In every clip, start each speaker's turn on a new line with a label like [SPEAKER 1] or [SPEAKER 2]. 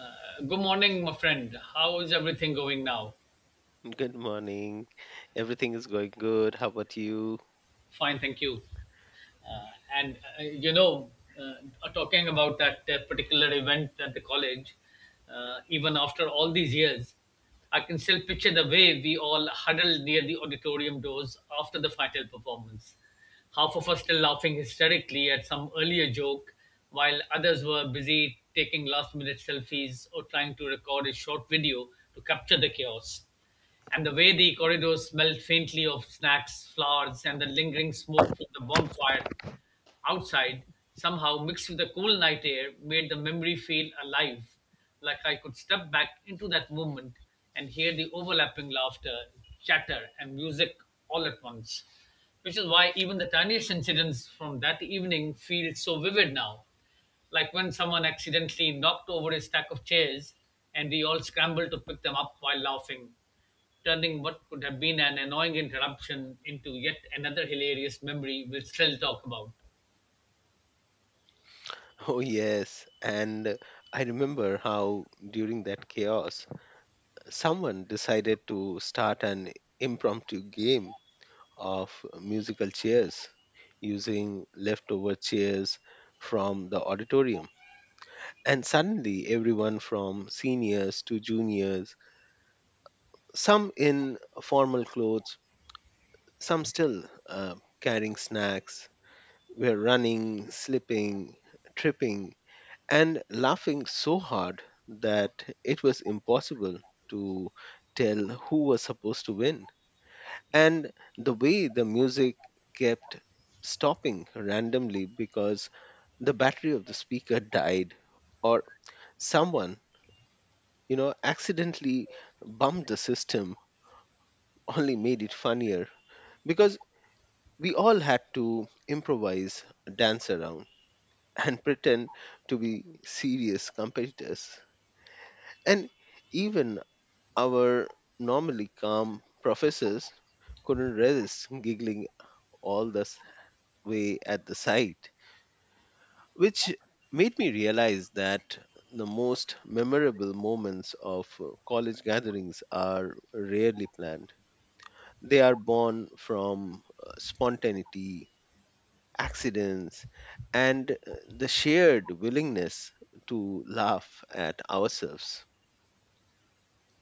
[SPEAKER 1] Good morning, my friend. How is everything going now?
[SPEAKER 2] Good morning. Everything is going good. How about you?
[SPEAKER 1] Fine, thank you. Uh, and uh, you know, uh, Talking about that particular event at the college, even after all these years, I can still picture the way we all huddled near the auditorium doors after the final performance. Half of us still laughing hysterically at some earlier joke, while others were busy taking last minute selfies or trying to record a short video to capture the chaos. And the way the corridors smelled faintly of snacks, flowers, and the lingering smoke from the bonfire outside, somehow mixed with the cool night air, made the memory feel alive, like I could step back into that moment and hear the overlapping laughter, chatter, and music all at once. Which is why even the tiniest incidents from that evening feel so vivid now, like when someone accidentally knocked over a stack of chairs and we all scrambled to pick them up while laughing, turning what could have been an annoying interruption into yet another hilarious memory we'll still talk about.
[SPEAKER 2] Oh, yes. And I remember how during that chaos, someone decided to start an impromptu game of musical chairs using leftover chairs from the auditorium. And suddenly, everyone from seniors to juniors, some in formal clothes, some still carrying snacks, we're running, slipping, tripping, and laughing so hard that it was impossible to tell who was supposed to win. And the way the music kept stopping randomly because the battery of the speaker died or someone accidentally bumped the system only made it funnier because we all had to improvise, dance around, and pretend to be serious competitors. And even our normally calm professors couldn't resist giggling all the way at the sight, which made me realize that the most memorable moments of college gatherings are rarely planned. They are born from spontaneity, accidents, and the shared willingness to laugh at ourselves.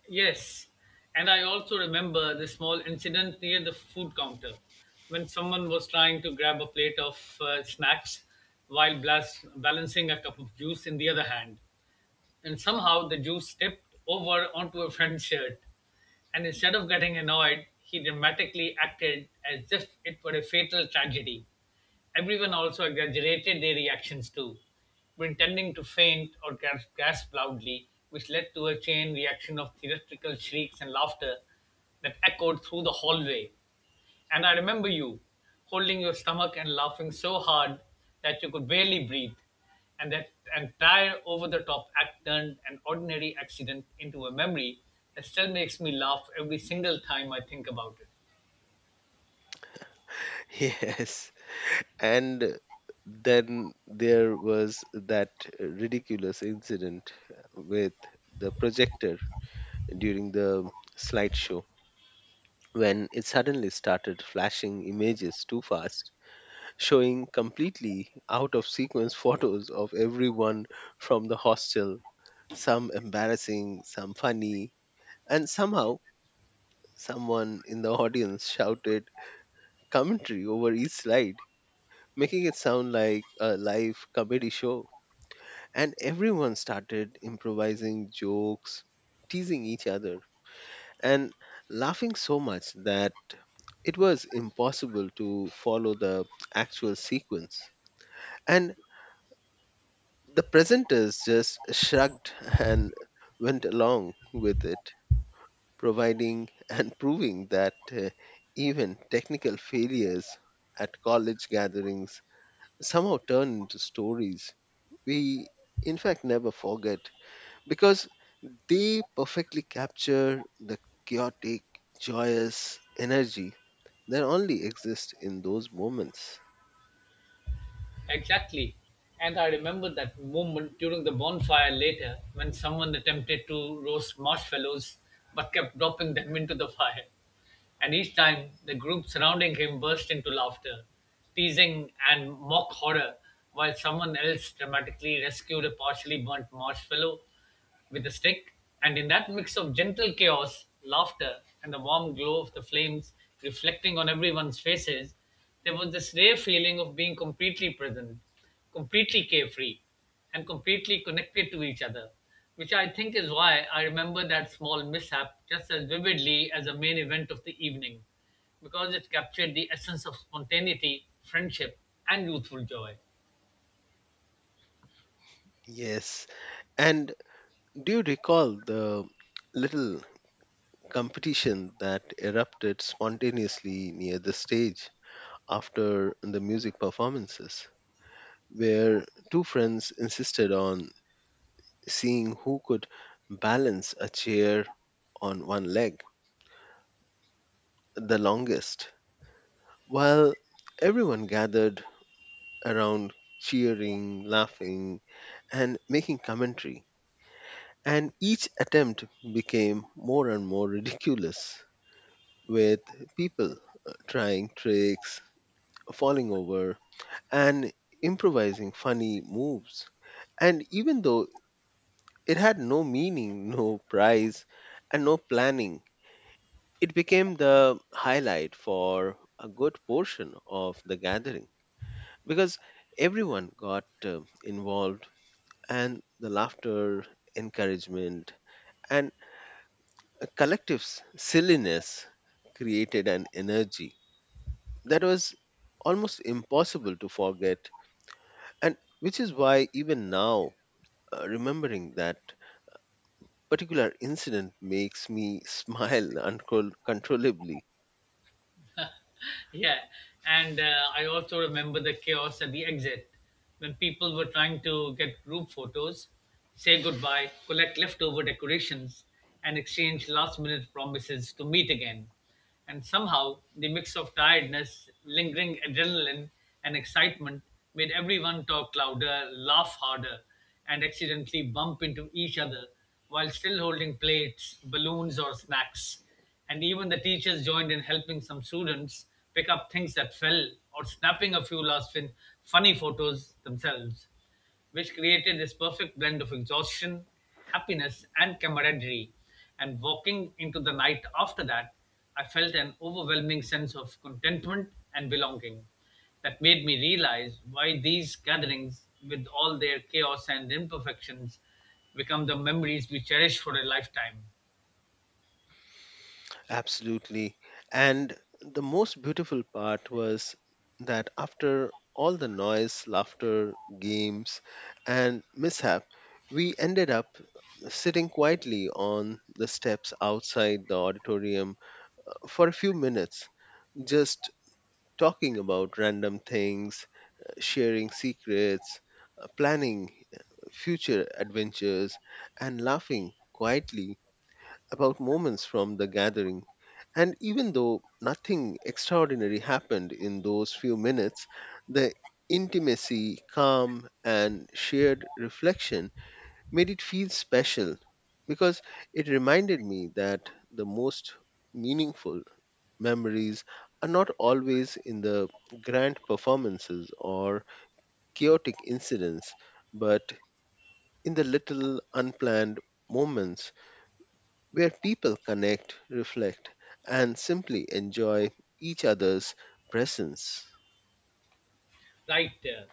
[SPEAKER 1] Yes, and I also remember the small incident near the food counter when someone was trying to grab a plate of snacks while balancing a cup of juice in the other hand. And somehow the Jew stepped over onto a friend's shirt. And instead of getting annoyed, he dramatically acted as if it were a fatal tragedy. Everyone also exaggerated their reactions too, pretending to faint or gasp loudly, which led to a chain reaction of theatrical shrieks and laughter that echoed through the hallway. And I remember you holding your stomach and laughing so hard that you could barely breathe, and that entire over the top act turned an ordinary accident into a memory that still makes me laugh every single time I think about it.
[SPEAKER 2] Yes, and then there was that ridiculous incident with the projector during the slideshow when it suddenly started flashing images too fast, showing completely out of sequence photos of everyone from the hostel, some embarrassing, some funny, and somehow someone in the audience shouted commentary over each slide, making it sound like a live comedy show. And everyone started improvising jokes, teasing each other, and laughing so much that it was impossible to follow the actual sequence. And the presenters just shrugged and went along with it, providing and proving that even technical failures at college gatherings somehow turn into stories we in fact never forget because they perfectly capture the chaotic, joyous energy that only exists in those moments.
[SPEAKER 1] Exactly. And I remember that moment during the bonfire later when someone attempted to roast marshmallows but kept dropping them into the fire. And each time, the group surrounding him burst into laughter, teasing and mock horror, while someone else dramatically rescued a partially burnt marshmallow with a stick, and in that mix of gentle chaos, laughter, and the warm glow of the flames reflecting on everyone's faces, there was this rare feeling of being completely present, completely carefree, and completely connected to each other, which I think is why I remember that small mishap just as vividly as the main event of the evening, because it captured the essence of spontaneity, friendship, and youthful joy.
[SPEAKER 2] Yes, and do you recall the little competition that erupted spontaneously near the stage after the music performances, where two friends insisted on seeing who could balance a chair on one leg the longest, while everyone gathered around cheering, laughing, and making commentary. And each attempt became more and more ridiculous, with people trying tricks, falling over, and improvising funny moves. And even though it had no meaning, no price, and no planning, it became the highlight for a good portion of the gathering because everyone got involved and the laughter, encouragement, and a collective silliness created an energy that was almost impossible to forget, and which is why even now, remembering that particular incident makes me smile uncontrollably.
[SPEAKER 1] Yeah, and I also remember the chaos at the exit when people were trying to get group photos, say goodbye, collect leftover decorations, and exchange last minute promises to meet again, and somehow the mix of tiredness, lingering adrenaline, and excitement made everyone talk louder, laugh harder, and accidentally bump into each other while still holding plates, balloons, or snacks, and even the teachers joined in, helping some students pick up things that fell or snapping a few last funny photos themselves, which created this perfect blend of exhaustion, happiness, and camaraderie. And walking into the night after that, I felt an overwhelming sense of contentment and belonging that made me realize why these gatherings, with all their chaos and imperfections, become the memories we cherish for a lifetime.
[SPEAKER 2] Absolutely. And the most beautiful part was that after all the noise, laughter, games, and mishap, we ended up sitting quietly on the steps outside the auditorium for a few minutes, just talking about random things, sharing secrets, planning future adventures, and laughing quietly about moments from the gathering. And even though nothing extraordinary happened in those few minutes, the intimacy, calm, and shared reflection made it feel special because it reminded me that the most meaningful memories are not always in the grand performances or chaotic incidents, but in the little unplanned moments where people connect, reflect, and simply enjoy each other's presence.
[SPEAKER 1] Right there.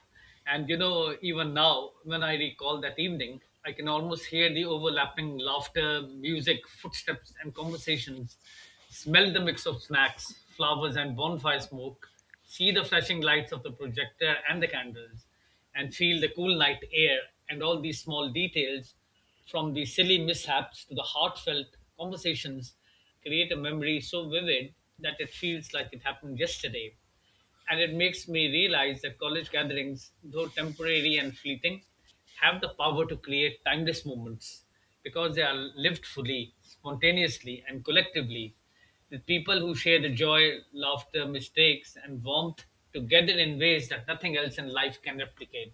[SPEAKER 1] And you know, even now, when I recall that evening, I can almost hear the overlapping laughter, music, footsteps, and conversations, smell the mix of snacks, flowers, and bonfire smoke, see the flashing lights of the projector and the candles, and feel the cool night air, and all these small details, from the silly mishaps to the heartfelt conversations, create a memory so vivid that it feels like it happened yesterday, and it makes me realize that college gatherings, though temporary and fleeting, have the power to create timeless moments because they are lived fully, spontaneously, and collectively with people who share the joy, laughter, mistakes, and warmth together in ways that nothing else in life can replicate.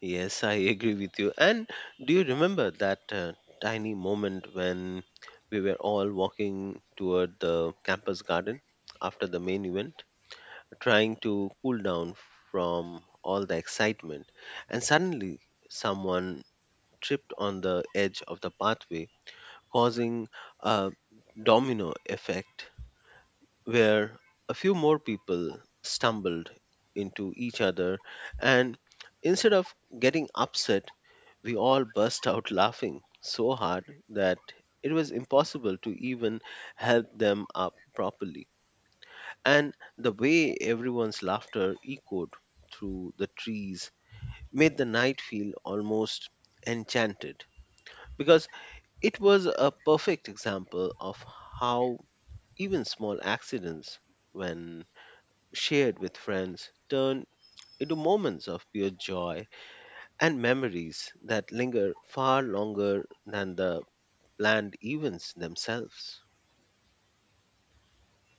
[SPEAKER 2] Yes, I agree with you. And do you remember that tiny moment when we were all walking toward the campus garden after the main event, trying to cool down from all the excitement? And suddenly, someone tripped on the edge of the pathway, causing a domino effect where a few more people stumbled into each other, and instead of getting upset, we all burst out laughing so hard that it was impossible to even help them up properly. And the way everyone's laughter echoed through the trees made the night feel almost enchanted because it was a perfect example of how even small accidents, when shared with friends, turn into moments of pure joy and memories that linger far longer than the planned events themselves.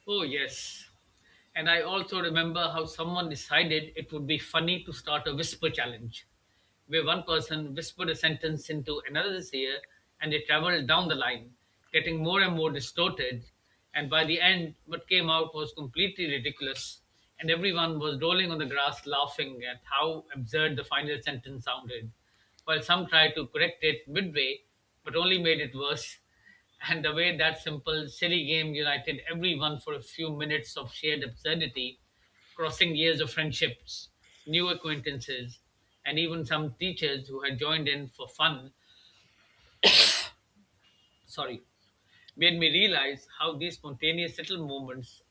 [SPEAKER 1] Oh, yes. And I also remember how someone decided it would be funny to start a whisper challenge, where one person whispered a sentence into another's ear and they traveled down the line, getting more and more distorted. And by the end, what came out was completely ridiculous, and everyone was rolling on the grass laughing at how absurd the final sentence sounded, while some tried to correct it midway but only made it worse, and the way that simple, silly game united everyone for a few minutes of shared absurdity, crossing years of friendships, new acquaintances, and even some teachers who had joined in for fun, sorry, made me realize how these spontaneous little moments,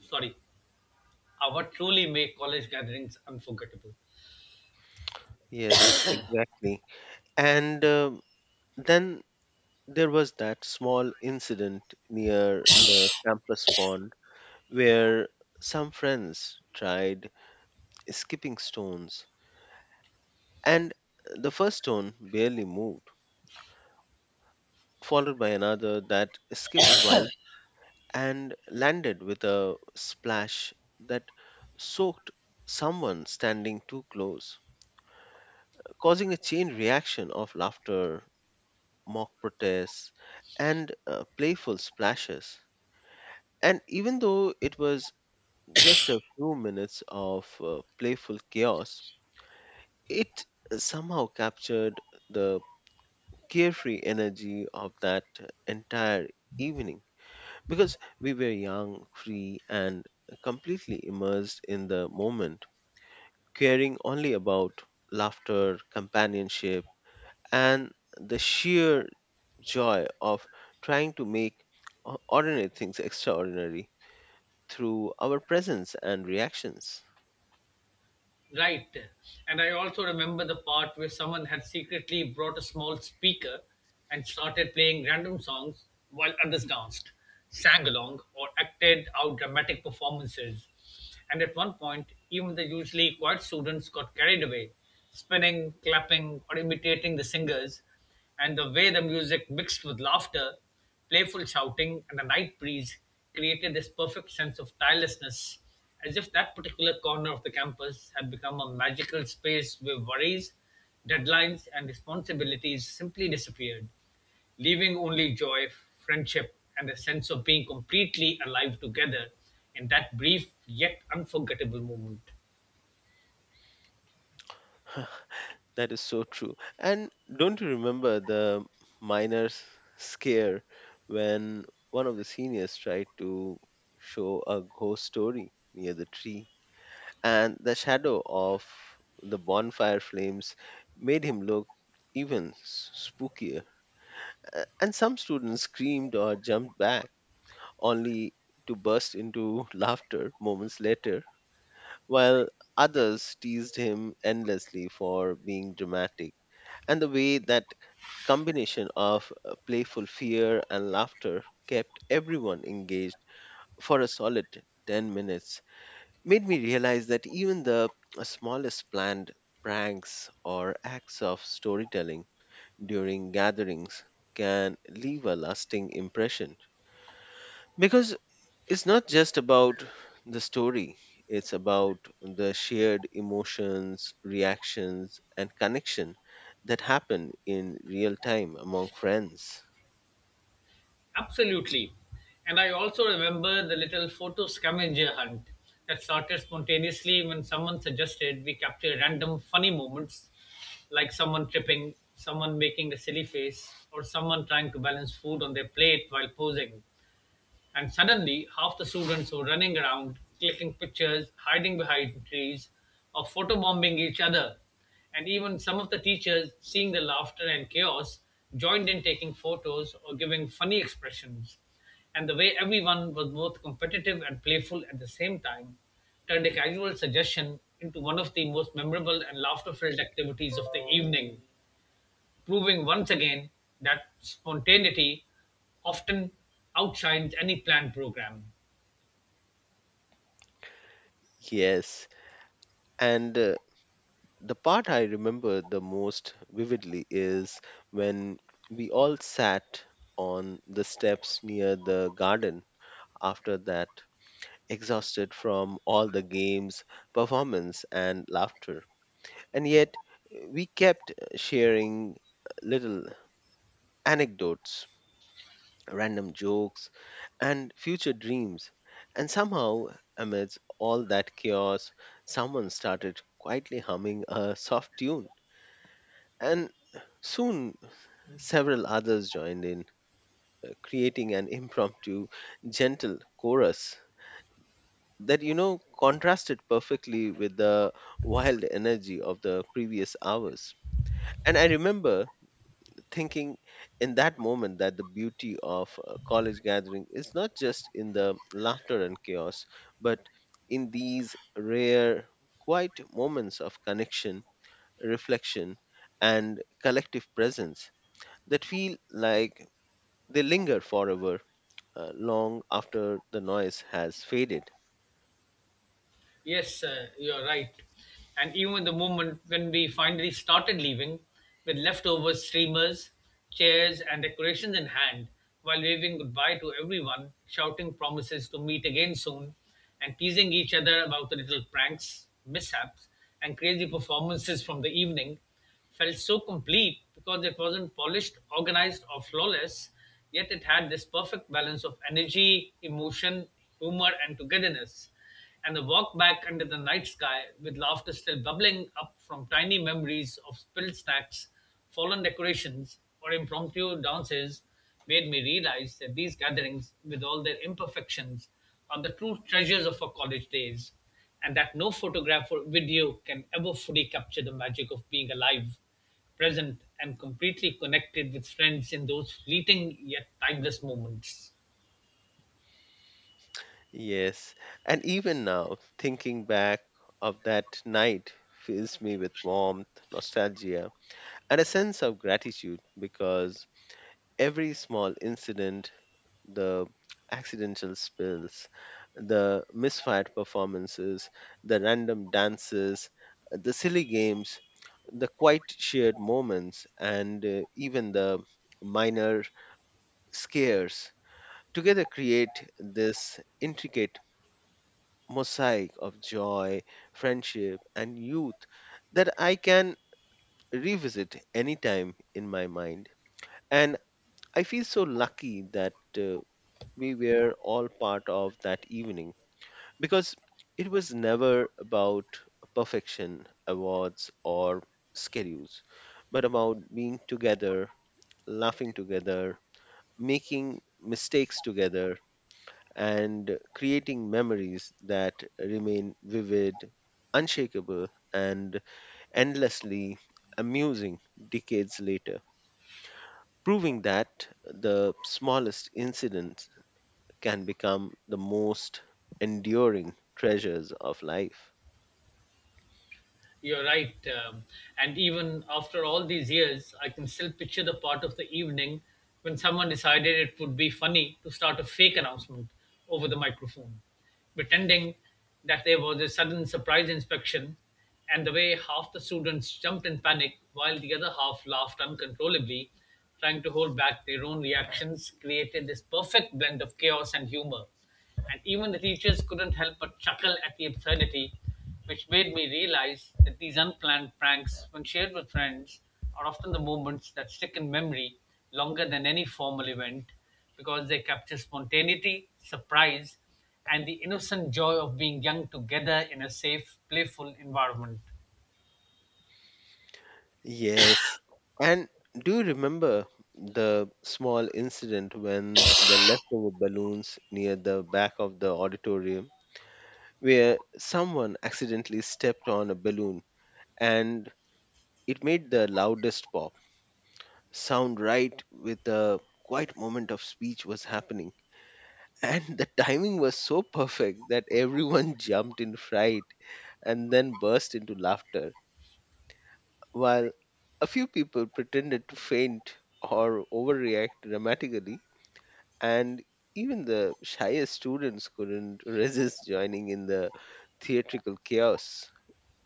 [SPEAKER 1] sorry, are what truly make college gatherings unforgettable.
[SPEAKER 2] Yes, exactly. And then there was that small incident near the campus pond where some friends tried skipping stones, and the first stone barely moved, followed by another that skipped twice and landed with a splash that soaked someone standing too close, causing a chain reaction of laughter, mock protests, and playful splashes. And even though it was just a few minutes of playful chaos, it somehow captured the carefree energy of that entire evening, because we were young, free, and completely immersed in the moment, caring only about laughter, companionship, and the sheer joy of trying to make ordinary things extraordinary through our presence and reactions.
[SPEAKER 1] Right. And I also remember the part where someone had secretly brought a small speaker and started playing random songs while others danced, sang along, or acted out dramatic performances. And at one point, even the usually quiet students got carried away, spinning, clapping, or imitating the singers, and the way the music mixed with laughter, playful shouting, and a night breeze created this perfect sense of tirelessness, as if that particular corner of the campus had become a magical space where worries, deadlines, and responsibilities simply disappeared, leaving only joy, friendship, and a sense of being completely alive together in that brief yet unforgettable moment.
[SPEAKER 2] That is so true. And don't you remember the minor scare when one of the seniors tried to show a ghost story near the tree? And the shadow of the bonfire flames made him look even spookier. And some students screamed or jumped back, only to burst into laughter moments later, while others teased him endlessly for being dramatic. And the way that combination of playful fear and laughter kept everyone engaged for a solid 10 minutes made me realize that even the smallest planned pranks or acts of storytelling during gatherings can leave a lasting impression, because it's not just about the story, it's about the shared emotions, reactions, and connection that happen in real time among friends.
[SPEAKER 1] Absolutely. And I also remember the little photo scavenger hunt that started spontaneously when someone suggested we capture random funny moments, like someone tripping, someone making a silly face, or someone trying to balance food on their plate while posing. And suddenly, half the students were running around, clicking pictures, hiding behind trees, or photobombing each other. And even some of the teachers, seeing the laughter and chaos, joined in taking photos or giving funny expressions. And the way everyone was both competitive and playful at the same time turned a casual suggestion into one of the most memorable and laughter filled activities of the evening, proving once again that spontaneity often outshines any planned program.
[SPEAKER 2] Yes, and the part I remember the most vividly is when we all sat on the steps near the garden after that, exhausted from all the games, performance, and laughter. And yet, we kept sharing little anecdotes, random jokes, and future dreams. And somehow, amidst all that chaos, someone started quietly humming a soft tune. And soon several others joined in, creating an impromptu, gentle chorus that, contrasted perfectly with the wild energy of the previous hours. And I remember thinking in that moment that the beauty of a college gathering is not just in the laughter and chaos, but in these rare, quiet moments of connection, reflection, and collective presence that feel like they linger forever, long after the noise has faded.
[SPEAKER 1] Yes, you're right. And even the moment when we finally started leaving, with leftover streamers, chairs, and decorations in hand, while waving goodbye to everyone, shouting promises to meet again soon, and teasing each other about the little pranks, mishaps, and crazy performances from the evening, felt so complete because it wasn't polished, organized, or flawless, yet it had this perfect balance of energy, emotion, humor, and togetherness, and a walk back under the night sky with laughter still bubbling up from tiny memories of spilled snacks, fallen decorations, or impromptu dances made me realize that these gatherings, with all their imperfections, are the true treasures of our college days, and that no photograph or video can ever fully capture the magic of being alive, present, and completely connected with friends in those fleeting yet timeless moments.
[SPEAKER 2] Yes, and even now, thinking back of that night fills me with warmth, nostalgia, and a sense of gratitude because every small incident, the accidental spills, the misfired performances, the random dances, the silly games, the quiet shared moments, and even the minor scares together create this intricate mosaic of joy, friendship, and youth that I can revisit anytime in my mind. And I feel so lucky that we were all part of that evening because it was never about perfection, awards, or schedules, but about being together, laughing together, making mistakes together, and creating memories that remain vivid, unshakable, and endlessly amusing decades later, proving that the smallest incidents can become the most enduring treasures of life.
[SPEAKER 1] You're right. And even after all these years, I can still picture the part of the evening when someone decided it would be funny to start a fake announcement over the microphone, pretending that there was a sudden surprise inspection, and the way half the students jumped in panic while the other half laughed uncontrollably, trying to hold back their own reactions, created this perfect blend of chaos and humor, and even the teachers couldn't help but chuckle at the absurdity, which made me realize that these unplanned pranks, when shared with friends, are often the moments that stick in memory longer than any formal event because they capture spontaneity, surprise, and the innocent joy of being young together in a safe, playful environment.
[SPEAKER 2] Yes. And do you remember the small incident when the leftover balloons near the back of the auditorium, where someone accidentally stepped on a balloon and it made the loudest pop sound right with the quiet moment of speech was happening. And the timing was so perfect that everyone jumped in fright and then burst into laughter, while a few people pretended to faint or overreact dramatically, and even the shyest students couldn't resist joining in the theatrical chaos,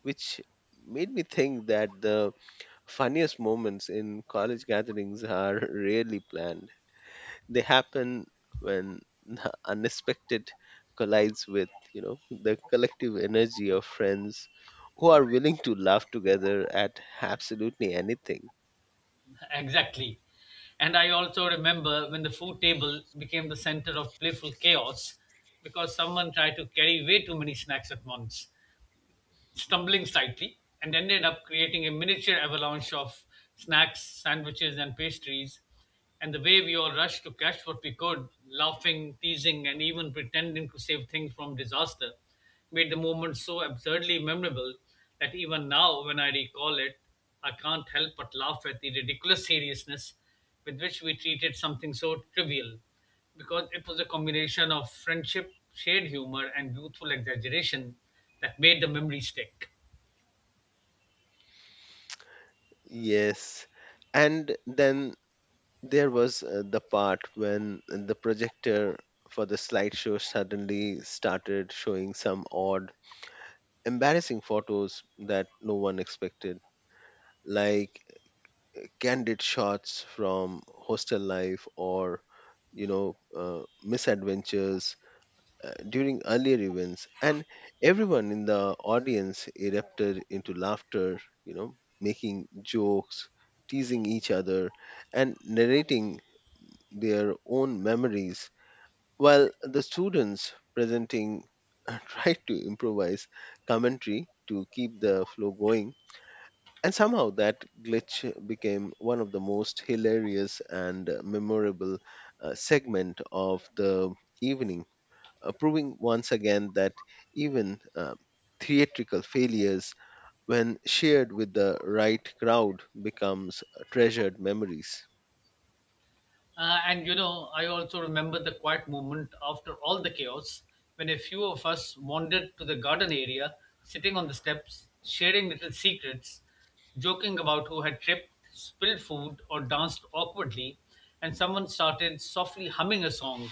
[SPEAKER 2] which made me think that the funniest moments in college gatherings are rarely planned. They happen when the unexpected collides with, the collective energy of friends who are willing to laugh together at absolutely anything.
[SPEAKER 1] Exactly. And I also remember when the food table became the center of playful chaos because someone tried to carry way too many snacks at once, stumbling slightly and ended up creating a miniature avalanche of snacks, sandwiches, and pastries. And the way we all rushed to catch what we could, laughing, teasing, and even pretending to save things from disaster, made the moment so absurdly memorable that even now, when I recall it, I can't help but laugh at the ridiculous seriousness with which we treated something so trivial, because it was a combination of friendship, shared humor, and youthful exaggeration that made the memory stick.
[SPEAKER 2] Yes. And then there was the part when the projector for the slideshow suddenly started showing some odd, embarrassing photos that no one expected, like candid shots from hostel life or misadventures during earlier events, and everyone in the audience erupted into laughter, making jokes, teasing each other, and narrating their own memories, while the students presenting tried to improvise commentary to keep the flow going. And somehow that glitch became one of the most hilarious and memorable segment of the evening, proving once again that even theatrical failures, when shared with the right crowd, becomes treasured memories.
[SPEAKER 1] And you know, I also remember the quiet moment after all the chaos when a few of us wandered to the garden area, sitting on the steps, sharing little secrets, joking about who had tripped, spilled food, or danced awkwardly, and someone started softly humming a song,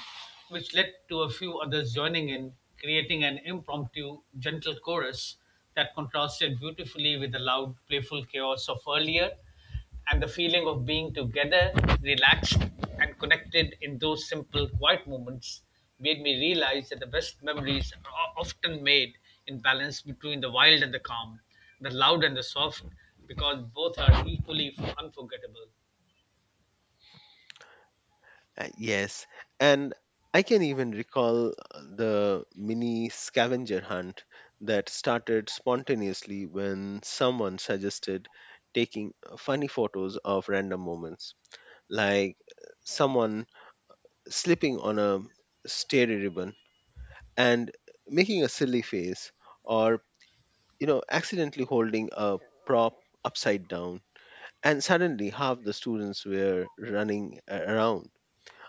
[SPEAKER 1] which led to a few others joining in, creating an impromptu, gentle chorus that contrasted beautifully with the loud, playful chaos of earlier, and the feeling of being together, relaxed, and connected in those simple, quiet moments made me realize that the best memories are often made in balance between the wild and the calm, the loud and the soft, because both are equally unforgettable.
[SPEAKER 2] Yes, and I can even recall the mini scavenger hunt that started spontaneously when someone suggested taking funny photos of random moments, like someone slipping on a stair ribbon and making a silly face, or accidentally holding a prop upside down. And suddenly, half the students were running around,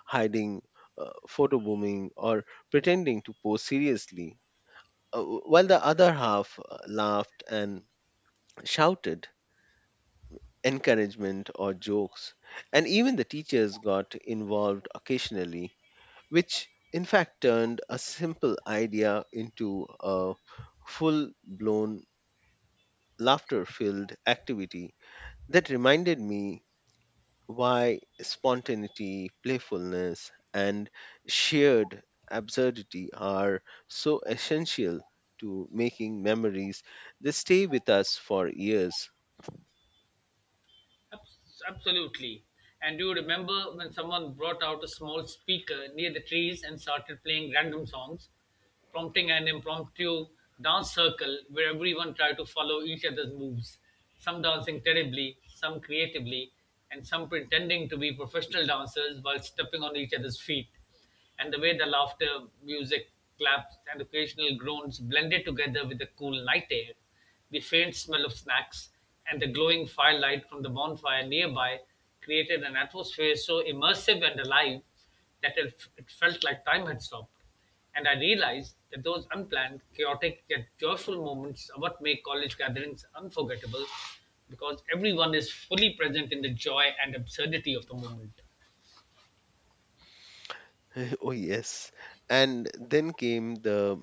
[SPEAKER 2] hiding, photo booming, or pretending to pose seriously, while the other half laughed and shouted encouragement or jokes. And even the teachers got involved occasionally, which in fact turned a simple idea into a full blown laughter filled activity that reminded me why spontaneity, playfulness, and shared absurdity are so essential to making memories they stay with us for years.
[SPEAKER 1] Absolutely. And do you remember when someone brought out a small speaker near the trees and started playing random songs, prompting an impromptu dance circle where everyone tried to follow each other's moves? Some dancing terribly, some creatively, and some pretending to be professional dancers while stepping on each other's feet, and the way the laughter, music, claps, and occasional groans blended together with the cool night air, the faint smell of snacks, and the glowing firelight from the bonfire nearby created an atmosphere so immersive and alive that it felt like time had stopped. And I realized that those unplanned, chaotic, yet joyful moments are what make college gatherings unforgettable because everyone is fully present in the joy and absurdity of the moment.
[SPEAKER 2] Oh yes, and then came the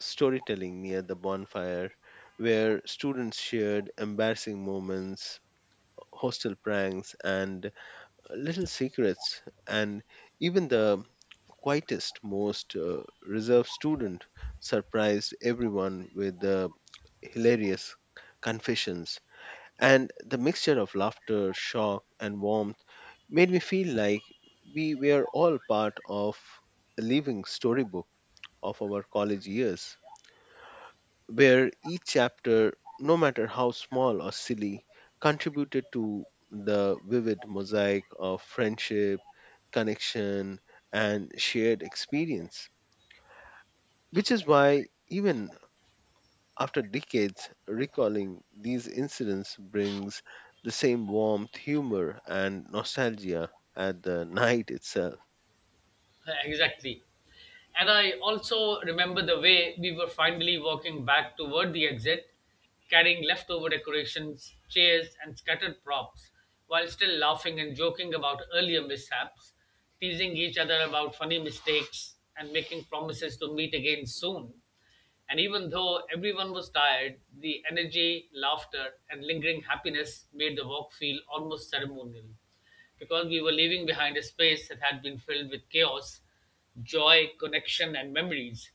[SPEAKER 2] storytelling near the bonfire where students shared embarrassing moments, hostel pranks, and little secrets, and even the quietest, most reserved student surprised everyone with the hilarious confessions. And the mixture of laughter, shock, and warmth made me feel like we were all part of a living storybook of our college years where each chapter, no matter how small or silly, contributed to the vivid mosaic of friendship, connection, and shared experience. Which is why, even after decades, recalling these incidents brings the same warmth, humor, and nostalgia at the night itself.
[SPEAKER 1] Exactly. And I also remember the way we were finally walking back toward the exit, carrying leftover decorations, chairs, and scattered props, while still laughing and joking about earlier mishaps, teasing each other about funny mistakes, and making promises to meet again soon. And even though everyone was tired, the energy, laughter, and lingering happiness made the walk feel almost ceremonial, because we were leaving behind a space that had been filled with chaos, joy, connection, and memories.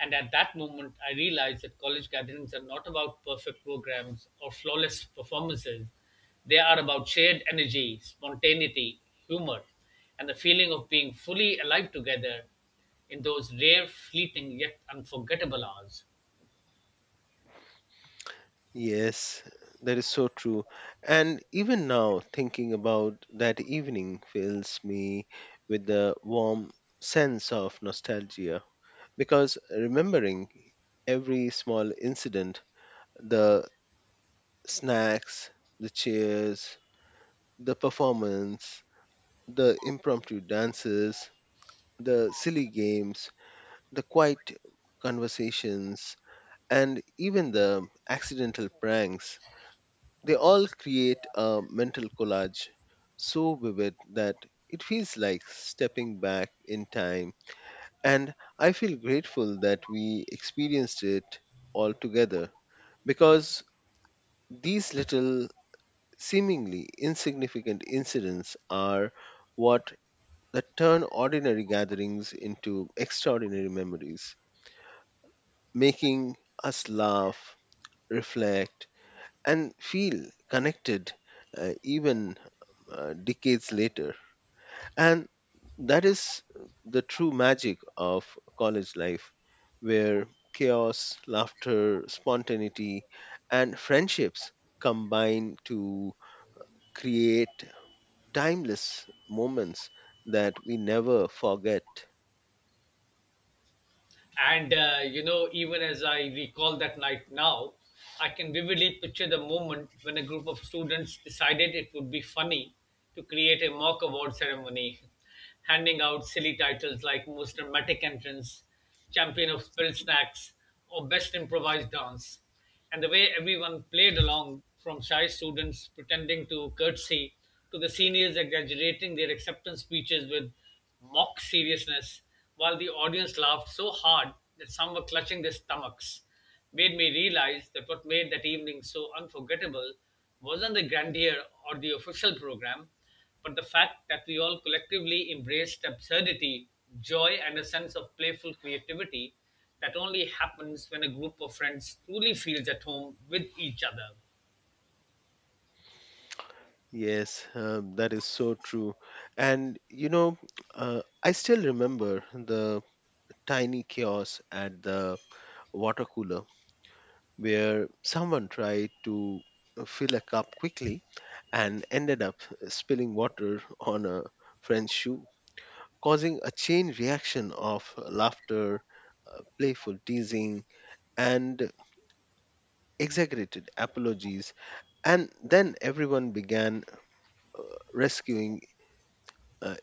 [SPEAKER 1] And at that moment, I realized that college gatherings are not about perfect programs or flawless performances. They are about shared energy, spontaneity, humor, and the feeling of being fully alive together in those rare, fleeting, yet unforgettable hours.
[SPEAKER 2] Yes, that is so true. And even now, thinking about that evening fills me with the warm sense of nostalgia because remembering every small incident, the snacks, the cheers, the performance, the impromptu dances, the silly games, the quiet conversations, and even the accidental pranks, they all create a mental collage so vivid that it feels like stepping back in time, and I feel grateful that we experienced it all together because these little, seemingly insignificant incidents are what that turn ordinary gatherings into extraordinary memories, making us laugh, reflect, and feel connected, even decades later. And that is the true magic of college life, where chaos, laughter, spontaneity, and friendships combine to create timeless moments that we never forget.
[SPEAKER 1] And, you know, even as I recall that night now, I can vividly picture the moment when a group of students decided it would be funny to create a mock award ceremony, handing out silly titles like Most Dramatic Entrance, Champion of Spilled Snacks, or Best Improvised Dance, and the way everyone played along, from shy students pretending to curtsy to the seniors exaggerating their acceptance speeches with mock seriousness while the audience laughed so hard that some were clutching their stomachs, made me realize that what made that evening so unforgettable wasn't the grandeur or the official program, but the fact that we all collectively embraced absurdity, joy, and a sense of playful creativity that only happens when a group of friends truly feels at home with each other.
[SPEAKER 2] Yes, that is so true. And you know, I still remember the tiny chaos at the water cooler where someone tried to fill a cup quickly and ended up spilling water on a friend's shoe, causing a chain reaction of laughter, playful teasing, and exaggerated apologies. And then everyone began rescuing uh,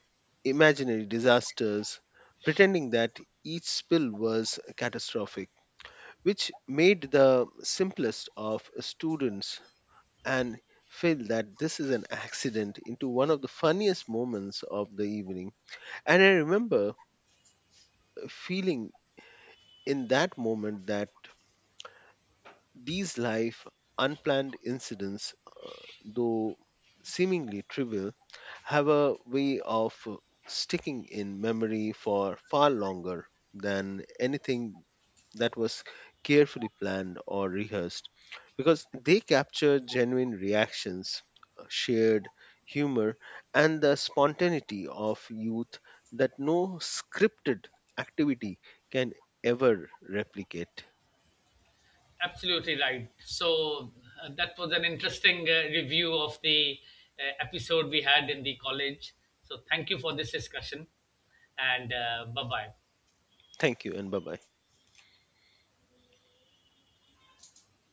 [SPEAKER 2] imaginary disasters, pretending that each spill was catastrophic, which made the simplest of students and feel that this is an accident into one of the funniest moments of the evening. And I remember feeling in that moment that these life unplanned incidents, though seemingly trivial, have a way of sticking in memory for far longer than anything that was carefully planned or rehearsed because they capture genuine reactions, shared humor, and the spontaneity of youth that no scripted activity can ever replicate.
[SPEAKER 1] Absolutely right. So, that was an interesting review of the episode we had in the college. So, thank you for this discussion, and bye bye.
[SPEAKER 2] Thank you and bye bye.